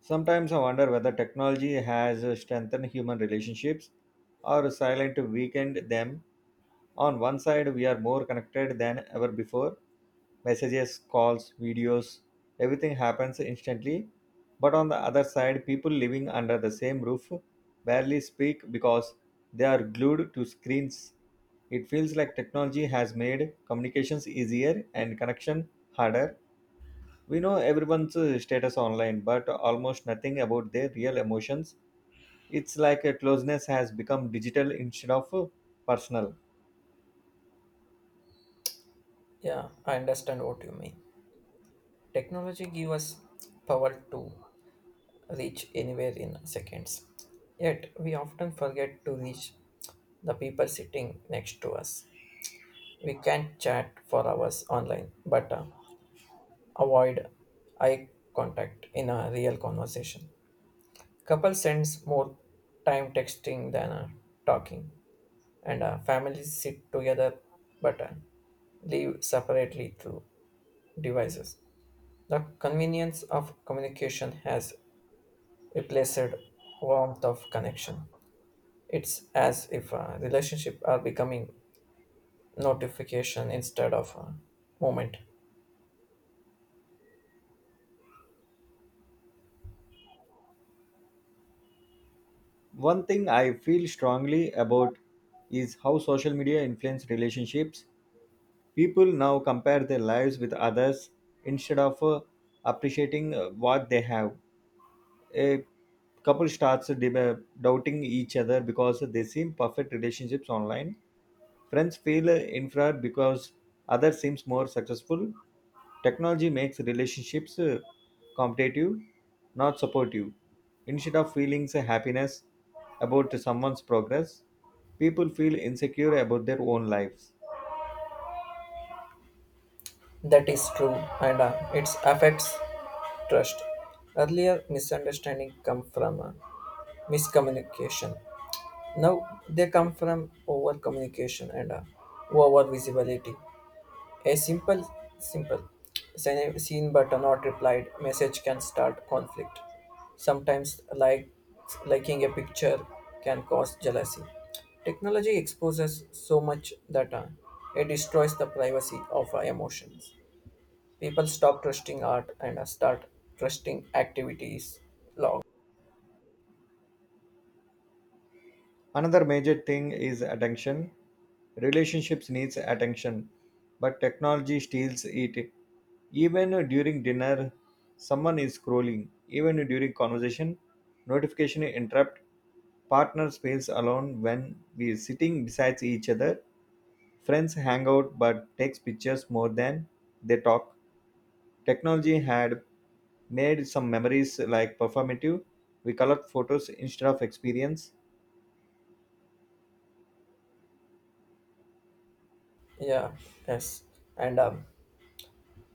Sometimes I wonder whether technology has strengthened human relationships or silently weakened them. On one side, we are more connected than ever before. Messages, calls, videos, everything happens instantly. But on the other side, people living under the same roof barely speak because they are glued to screens. It feels like technology has made communications easier and connection harder. We know everyone's status online, but almost nothing about their real emotions. It's like a closeness has become digital instead of personal. Yeah, I understand what you mean. Technology gives us power to reach anywhere in seconds. Yet, we often forget to reach the people sitting next to us. We can chat for hours online, but avoid eye contact in a real conversation. Couple spends more time texting than talking, and families sit together but live separately through devices. The convenience of communication has replaced warmth of connection. It's as if relationships are becoming notification instead of moment. One thing I feel strongly about is how social media influence relationships. People now compare their lives with others instead of appreciating what they have. A couple starts doubting each other because they seem perfect relationships online. Friends feel inferior because other seems more successful. Technology makes relationships competitive, not supportive. Instead of feeling happiness about someone's progress, people feel insecure about their own lives. That is true, and it affects trust. Earlier misunderstanding come from miscommunication. Now they come from over communication and over visibility. A simple, seen but not replied message can start conflict. Sometimes, like liking a picture can cause jealousy. Technology exposes so much data, it destroys the privacy of our emotions. People stop trusting art and start trusting activities. Log. Another major thing is attention. Relationships needs attention, but technology steals it. Even during dinner, someone is scrolling. Even during conversation, notification interrupt. Partners feels alone when we are sitting beside each other. Friends hang out but takes pictures more than they talk. Technology had made some memories like performative. We collect photos instead of experience. Yeah, yes. And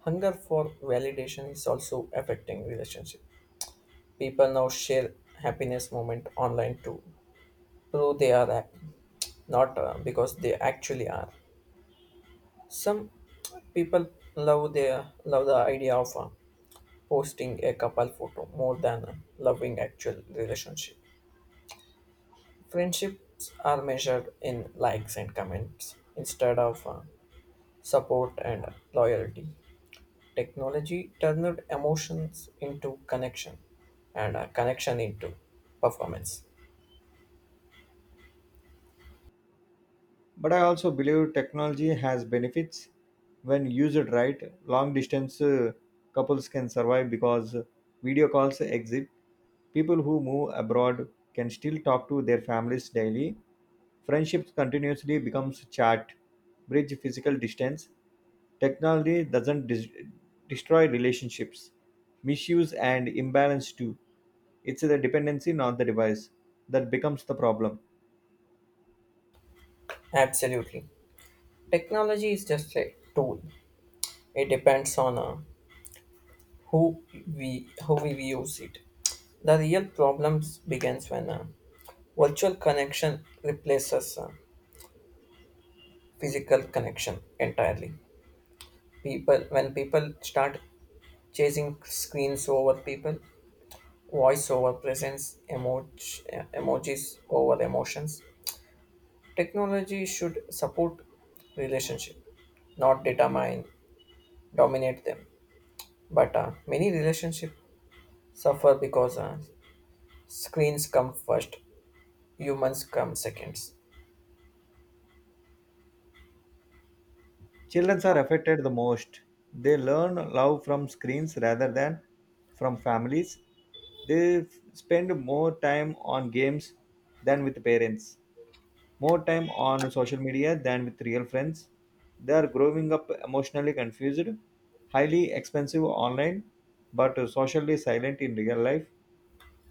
hunger for validation is also affecting relationship. People now share happiness moment online too. True they are act, not because they actually are. Some people love the idea of posting a couple photo more than loving actual relationship. Friendships are measured in likes and comments instead of support and loyalty. Technology turned emotions into connection and connection into performance. But I also believe technology has benefits when used right. Long distance couples can survive because video calls exist. People who move abroad can still talk to their families daily. Friendships continuously becomes chat, bridge physical distance. Technology doesn't destroy relationships. Misuse and imbalance do. It's the dependency, not the device, that becomes the problem. Absolutely. Technology is just a tool. It depends on who we how we use it. The real problems begins when a virtual connection replaces a physical connection entirely. People start chasing screens over people, voice over presence, emojis over emotions. Technology should support relationship, not determine dominate them. But many relationship suffer because screens come first humans come seconds. Children are affected the most. They learn love from screens rather than from families. They spend more time on games than with parents, more time on social media than with real friends. They are growing up emotionally confused, highly expensive online, but socially silent in real life.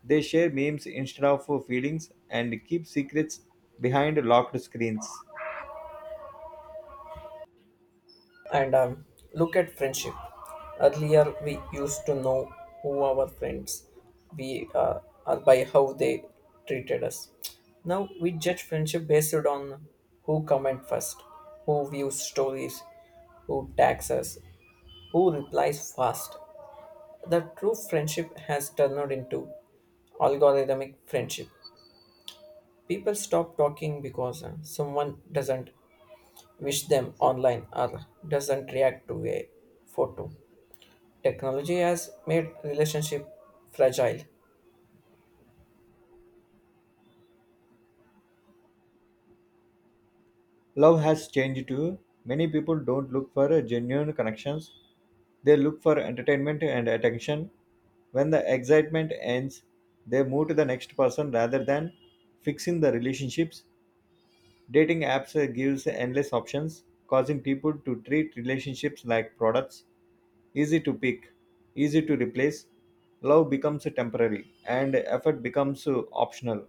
They share memes instead of feelings and keep secrets behind locked screens. And look at friendship. Earlier, we used to know who our friends we are by how they treated us. Now we judge friendship based on who comment first, who views stories, who tags us, who replies fast. The true friendship has turned into algorithmic friendship. People stop talking because someone doesn't wish them online or doesn't react to a photo. Technology has made relationship fragile. Love has changed too. Many people don't look for genuine connections, they look for entertainment and attention. When the excitement ends, they move to the next person rather than fixing the relationships. Dating apps gives endless options, causing people to treat relationships like products, easy to pick, easy to replace. Love becomes temporary and effort becomes optional.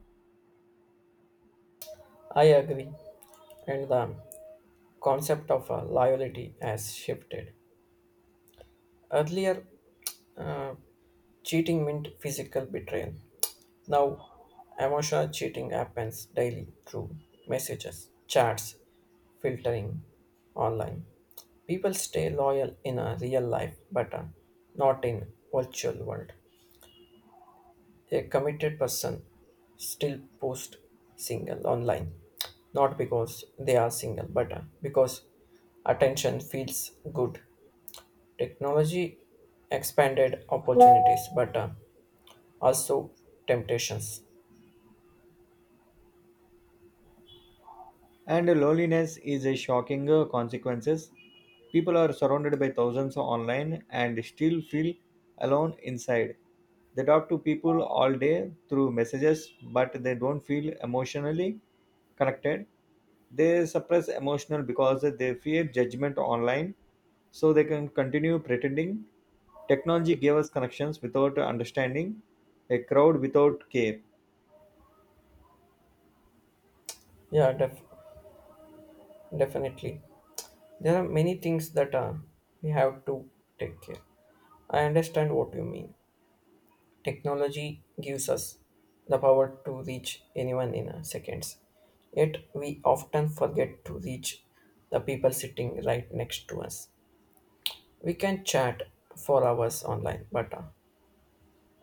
I agree, and the concept of loyalty has shifted. Earlier, uh, cheating meant physical betrayal. Now, emotional cheating happens daily through messages, chats, filtering, online. People stay loyal in a real life, but not in virtual world. A committed person still post single online not because they are single but because attention feels good. Technology expanded opportunities but also temptations. And loneliness is a shocking consequences. People are surrounded by thousands online and still feel alone inside. They talk to people all day through messages, but they don't feel emotionally connected. They suppress emotional because they fear judgment online, so they can continue pretending. Technology gave us connections without understanding, a crowd without care. yeah def- Definitely there are many things that we have to take care. I understand what you mean. Technology gives us the power to reach anyone in seconds. Yet we often forget to reach the people sitting right next to us. We can chat for hours online, but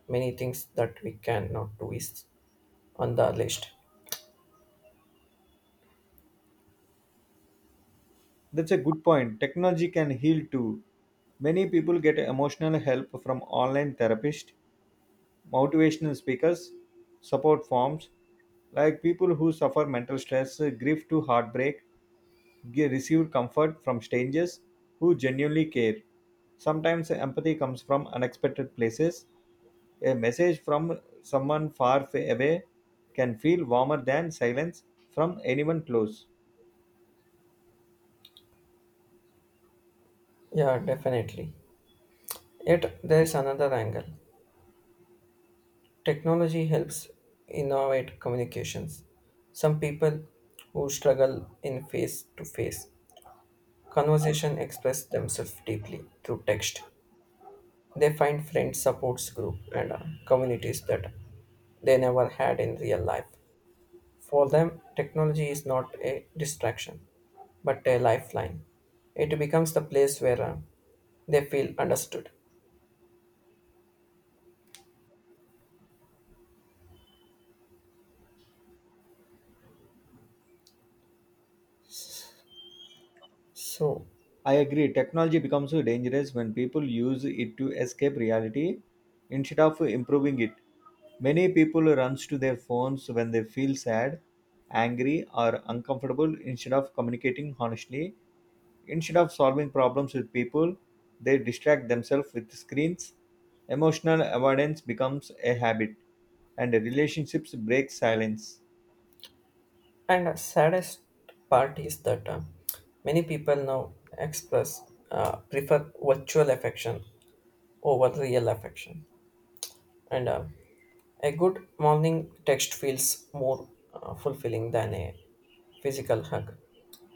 many things that we cannot do is on the list. That's a good point. Technology can heal too. Many people get emotional help from online therapists, motivational speakers, support forms, like people who suffer mental stress, grief to heartbreak, receive comfort from strangers who genuinely care. Sometimes empathy comes from unexpected places. A message from someone far away can feel warmer than silence from anyone close. Yeah, definitely. Yet there's another angle. Technology helps innovate communications. Some people who struggle in face to face conversation express themselves deeply through text. They find friends, supports group, and communities that they never had in real life. For them, technology is not a distraction, but a lifeline. It becomes the place where they feel understood. So, I agree. Technology becomes so dangerous when people use it to escape reality instead of improving it. Many people run to their phones when they feel sad, angry, or uncomfortable instead of communicating honestly. Instead of solving problems with people, they distract themselves with screens. Emotional avoidance becomes a habit, and relationships break silence. and the saddest part is that many people now express prefer virtual affection over real affection. And a good morning text feels more fulfilling than a physical hug.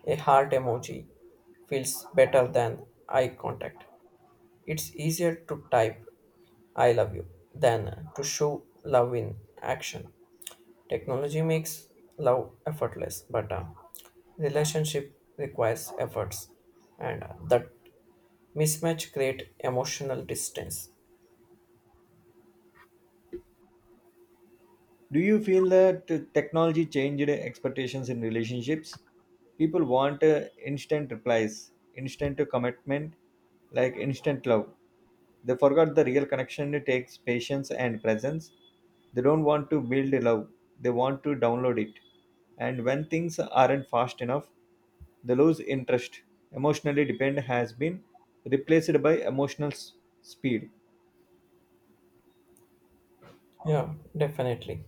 A heart emoji feels better than eye contact. It's easier to type I love you than to show love in action. Technology makes love effortless, but relationship requires efforts, and that mismatch create emotional distance. Do you feel that technology changed expectations in relationships? People want instant replies, instant commitment, like instant love. They forgot the real connection takes patience and presence. They don't want to build love, they want to download it. And when things aren't fast enough, they lose interest. Emotionally depend has been replaced by emotional speed. Yeah, definitely.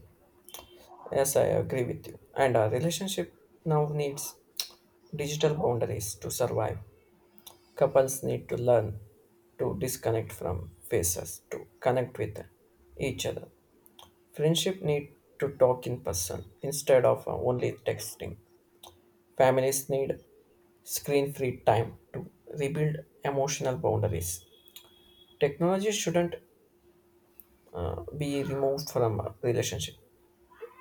Yes, I agree with you. And our relationship now needs digital boundaries to survive. Couples need to learn to disconnect from faces to connect with each other. Friendship need to talk in person instead of only texting. Families need screen-free time to rebuild emotional boundaries. Technology shouldn't be removed from a relationship.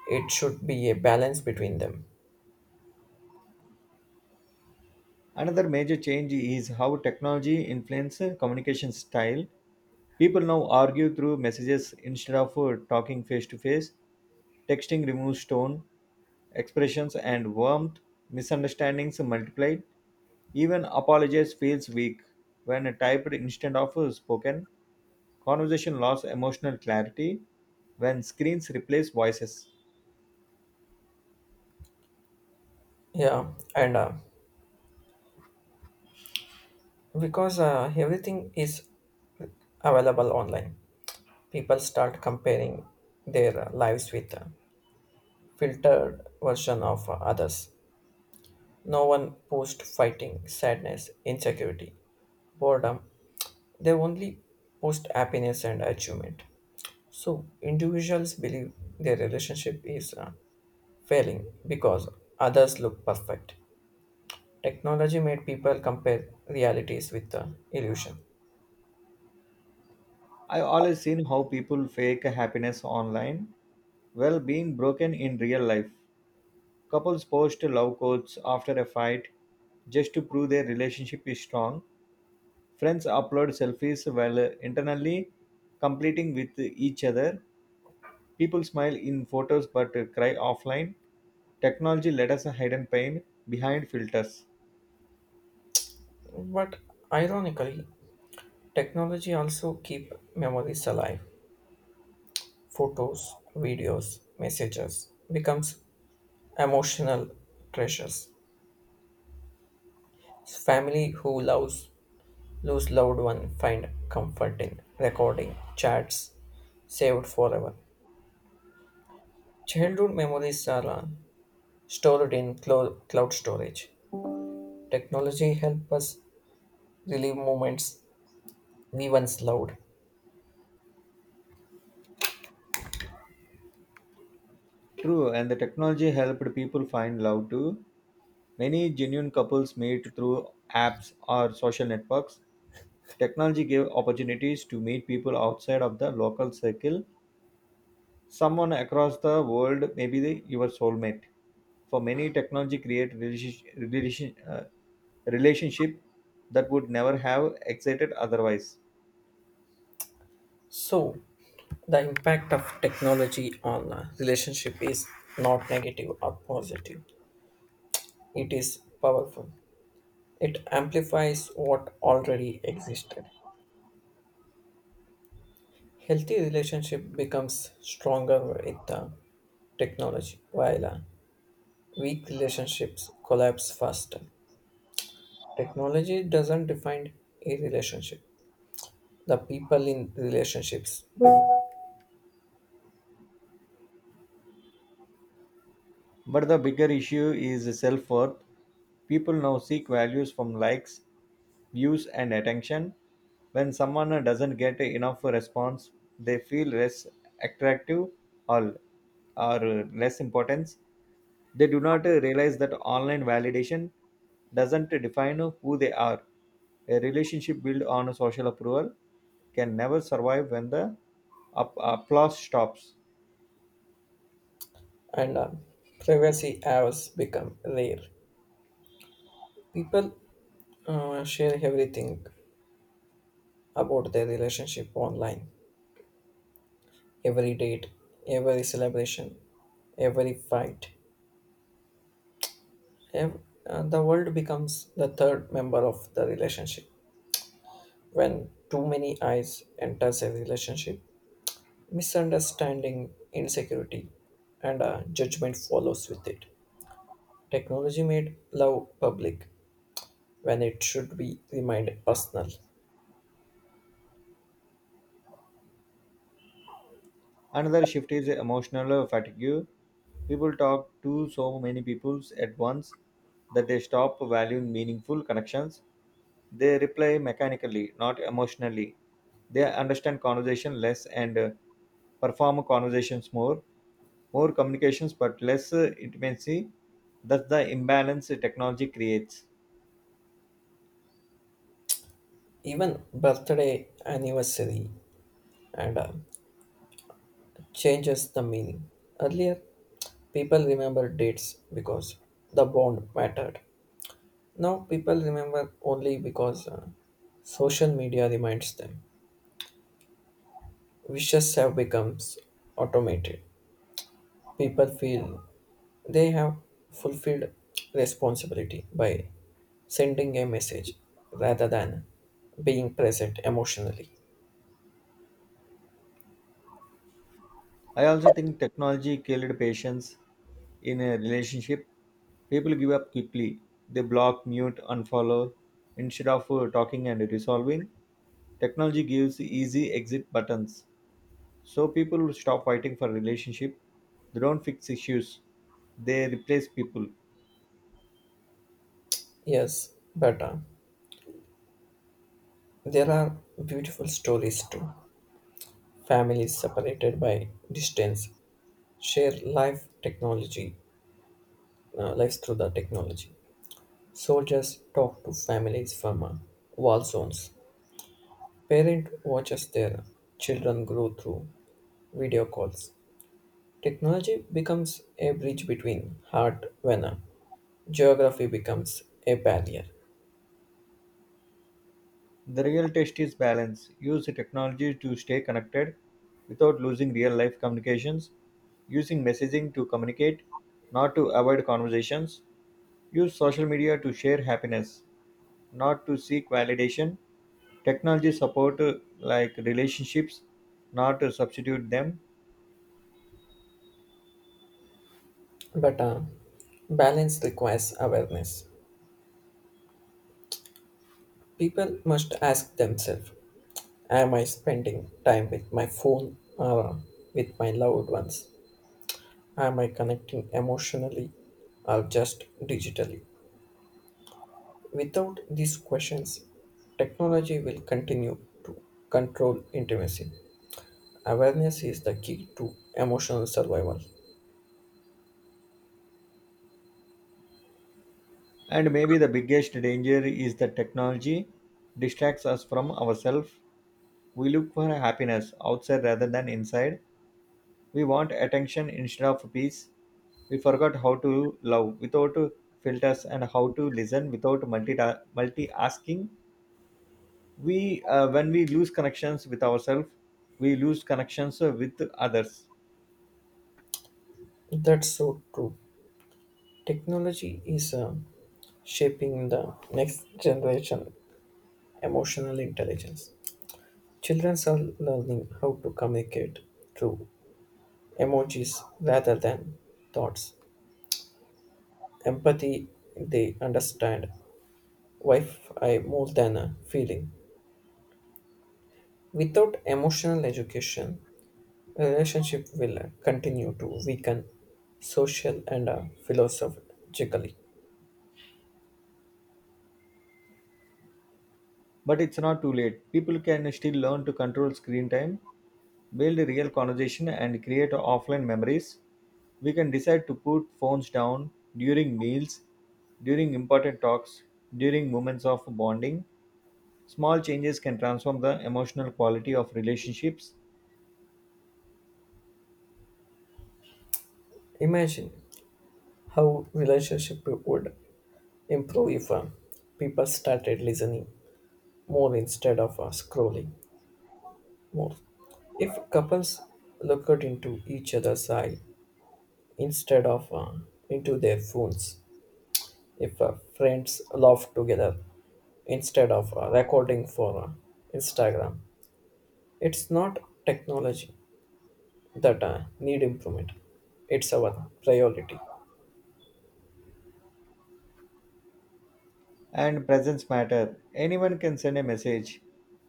It should be a balance between them. Another major change is how technology influences communication style. People now argue through messages instead of talking face to face. Texting removes tone, expressions, and warmth. Misunderstandings multiplied. Even apologies feels weak when typed instead of spoken. Conversation lost emotional clarity when screens replace voices. Yeah, and because everything is available online, people start comparing their lives with a filtered version of others. No one post fighting sadness insecurity boredom, they only post happiness and achievement, so individuals believe their relationship is failing because others look perfect. Technology made people compare realities with the illusion. I always seen how people fake happiness online while being broken in real life. Couples post love quotes after a fight just to prove their relationship is strong. Friends upload selfies while internally competing with each other. People smile in photos but cry offline. Technology let us hidden pain behind filters. But ironically, technology also keep memories alive. Photos, videos, messages becomes emotional treasures. Family who loves lose loved one find comfort in recording chats saved forever. Childhood memories are cloud storage. Technology help us relive moments we once loved. True, and the technology helped people find love too. Many genuine couples meet through apps or social networks. Technology gave opportunities to meet people outside of the local circle. Someone across the world may be your soulmate. For many, technology create relationship that would never have existed otherwise. So, the impact of technology on a relationship is not negative or positive. It is powerful. It amplifies what already existed. Healthy relationship becomes stronger with the technology, while weak relationships collapse faster. Technology doesn't define a relationship. The people in relationships do, But the bigger issue is self worth. People now seek values from likes, views, and attention. When someone doesn't get enough response, they feel less attractive or, or less importance. They do not realize that online validation doesn't define who they are. A relationship built on social approval can never survive when the applause stops. and privacy has become rare. People share everything about their relationship online. Every date, every celebration, every fight, ev- the world becomes the third member of the relationship. When too many eyes enters a relationship, misunderstanding, insecurity, and judgment follows with it. Technology made love public when it should be remained personal. Another shift is emotional fatigue. People talk to so many people at once that they stop valuing meaningful connections. They reply mechanically, not emotionally. They understand conversation less and perform conversations more. More communications but less intimacy. That's the imbalance technology creates. Even birthday, anniversary, and changes the meaning. Earlier, people remember dates because the bond mattered. Now people remember only because social media reminds them. Wishes have become automated. People feel they have fulfilled responsibility by sending a message rather than being present emotionally. I also think technology killed patience in a relationship. People give up quickly. They block, mute, unfollow instead of talking and resolving. Technology gives easy exit buttons. So people will stop fighting for relationship. They don't fix issues. They replace people. Yes, but there are beautiful stories too. Families separated by distance share life technology, lives through the technology. Soldiers talk to families from war zones. Parent watches their children grow through video calls. Technology becomes a bridge between heart when geography becomes a barrier. The real test is balance. Use the technology to stay connected without losing real life communications. Using messaging to communicate, not to avoid conversations. Use social media to share happiness, not to seek validation. Technology support like relationships, not to substitute them. But balance requires awareness. People must ask themselves, am I spending time with my phone or with my loved ones? Am I connecting emotionally or just digitally? Without these questions, technology will continue to control intimacy. Awareness is the key to emotional survival. And maybe the biggest danger is that technology distracts us from ourselves. We look for happiness outside rather than inside. We want attention instead of peace. We forgot how to love without filters and how to listen without multi-asking. We When we lose connections with ourselves, we lose connections with others. That's so true. Technology is shaping the next generation emotional intelligence. Children are learning how to communicate through emojis rather than thoughts. Empathy, they understand Wi-Fi more than a feeling. Without emotional education, relationship will continue to weaken social and philosophically. But it's not too late. People can still learn to control screen time, build real conversation, and create offline memories. We can decide to put phones down during meals, during important talks, during moments of bonding. Small changes can transform the emotional quality of relationships Imagine how relationship would improve if people started listening more instead of scrolling more. If couples looked into each other's eye instead of into their phones, if friends laugh together instead of recording for Instagram, it's not technology, that need improvement. It's our priority. and presence matter. Anyone can send a message,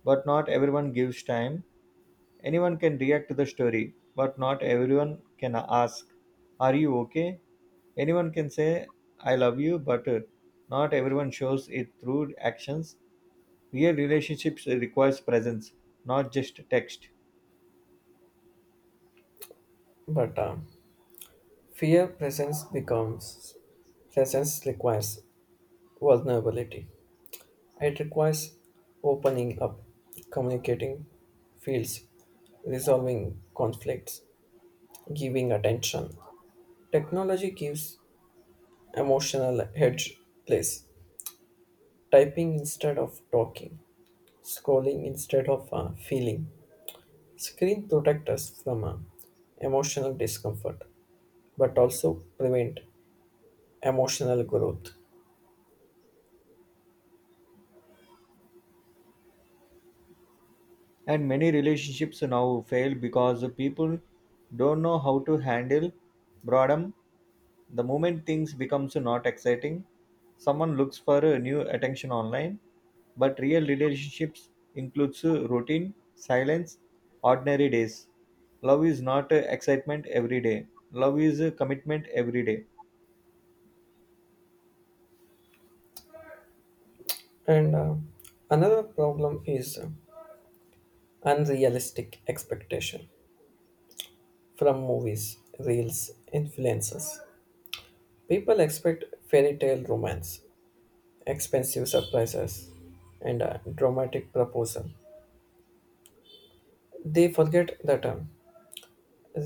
but not everyone gives time. Anyone can react to the story, but not everyone can ask, are you okay? Anyone can say, I love you, but not everyone shows it through actions. Real relationships requires presence, not just text. But fear presence becomes presence requires vulnerability. It requires opening up, communicating fields, resolving conflicts, giving attention. Technology gives emotional hedge place. Typing instead of talking, scrolling instead of feeling. Screen protect us from emotional discomfort, but also prevent emotional growth. And many relationships now fail because people don't know how to handle boredom. The moment things becomes not exciting, someone looks for a new attention online. But real relationships includes routine, silence, ordinary days. Love is not excitement every day. Love is commitment every day. And another problem is unrealistic expectation from movies, reels, influences. People expect fairy tale romance, expensive surprises, and a dramatic proposal. They forget that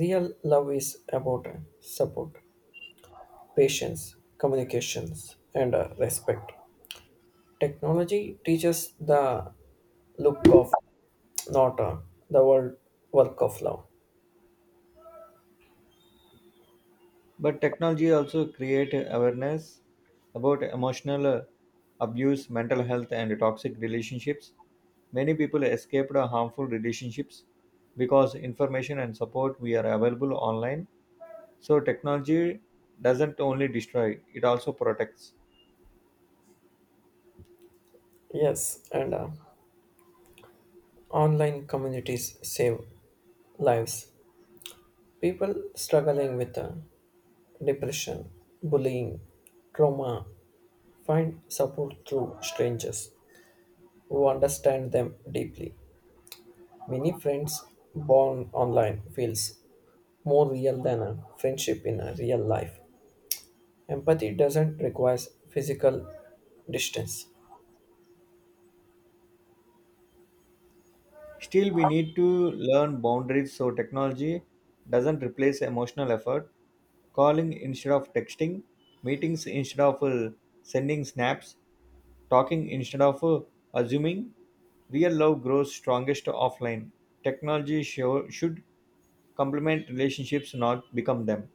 real love is about support, patience, communications, and respect. Technology teaches the look of, not the world work of love. But technology also create awareness about emotional abuse, mental health, and toxic relationships. Many people escaped harmful relationships because information and support we are available online. So technology doesn't only destroy, it also protects. Yes, and online communities save lives. People struggling with depression, bullying, trauma find support through strangers who understand them deeply. Many friends born online feels more real than a friendship in a real life. Empathy doesn't require physical distance. Still, we need to learn boundaries so technology doesn't replace emotional effort. Calling instead of texting, meetings instead of sending snaps, talking instead of assuming. Real love grows strongest offline. Technology should complement relationships, not become them.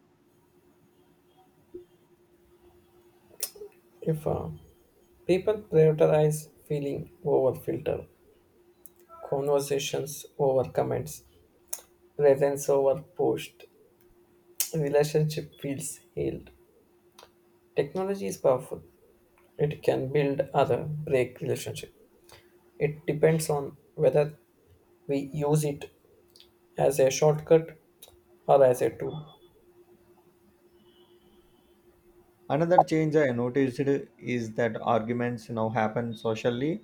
If people prioritize feeling over filter, conversations over comments, presence over post, relationship feels healed. Technology is powerful. It can build other break relationship. It depends on whether we use it as a shortcut or as a tool. Another change I noticed is that arguments now happen socially.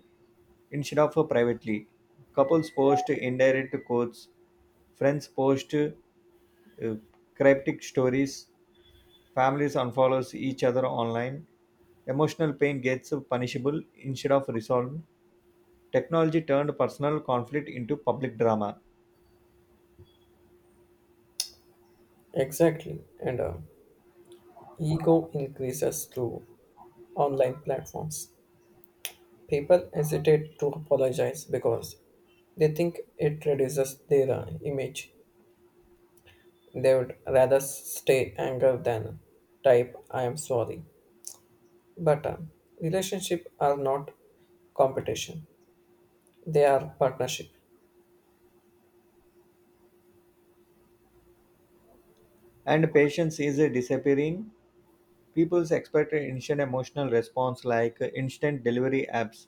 Instead of privately, couples post indirect quotes, friends post cryptic stories, families unfollows each other online. Emotional pain gets punishable instead of resolved. Technology turned personal conflict into public drama, Exactly. And ego increases through online platforms. People hesitate to apologize because they think it reduces their image. They would rather stay angry than type, I am sorry. But relationships are not competition, they are partnership. and patience is disappearing. People expect instant emotional response like instant delivery apps.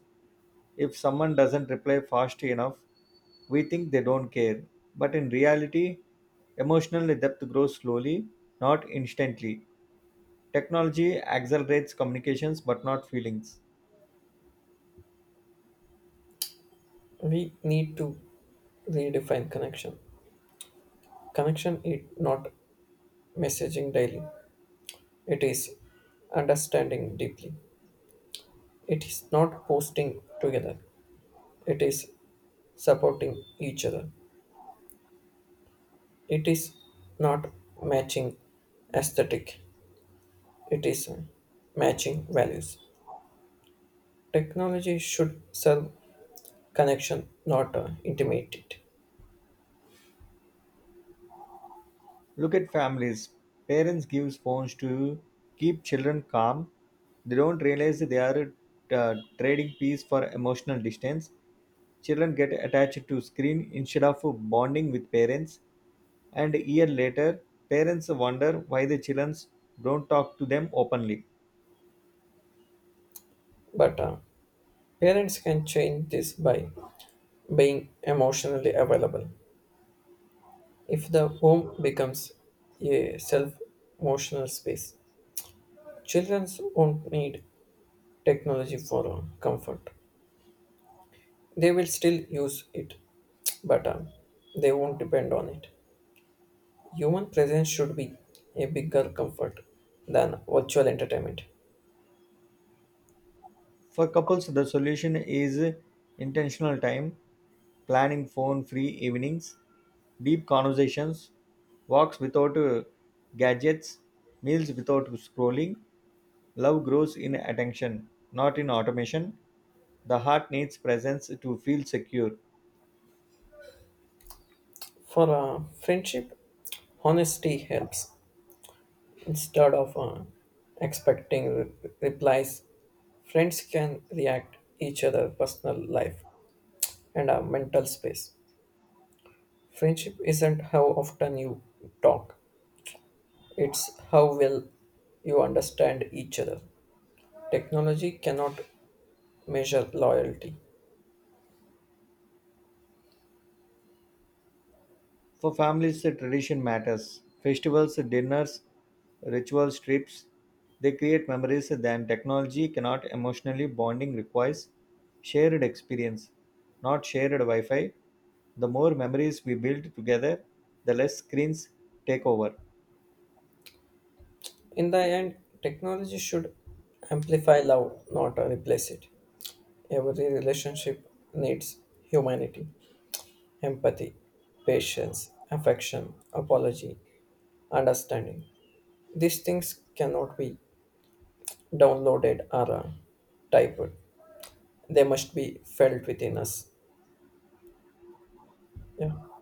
If someone doesn't reply fast enough, we think they don't care. But in reality, emotional depth grows slowly, not instantly. Technology accelerates communications but not feelings. We need to redefine connection. Connection is not messaging daily, it is understanding deeply. It is not posting together, it is supporting each other. It is not matching aesthetic, it is matching values. Technology should serve connection, not intimidate it. Look at families. Parents give phones to keep children calm. They don't realize they are trading peace for emotional distance. Children get attached to screen instead of bonding with parents, and a year later, parents wonder why the children don't talk to them openly. But parents can change this by being emotionally available. If the home becomes a self emotional space, children won't need technology for comfort. They will still use it, but they won't depend on it. Human presence should be a bigger comfort than virtual entertainment. For couples, the solution is intentional time, planning phone free evenings, deep conversations, walks without gadgets, meals without scrolling. Love grows in attention, not in automation. The heart needs presence to feel secure. For friendship, honesty helps. Instead of replies, friends can react each other personal life and our mental space. Friendship isn't how often you talk; it's how well you understand each other. Technology cannot measure loyalty. For families, the tradition matters. Festivals, dinners, rituals, trips, they create memories that technology cannot emotionally bonding requires shared experience, not shared Wi-Fi. The more memories we build together, the less screens take over. In the end, technology should amplify love, not replace it. Every relationship needs humanity, empathy, patience, affection, apology, understanding. These things cannot be downloaded or typed. They must be felt within us. Yeah.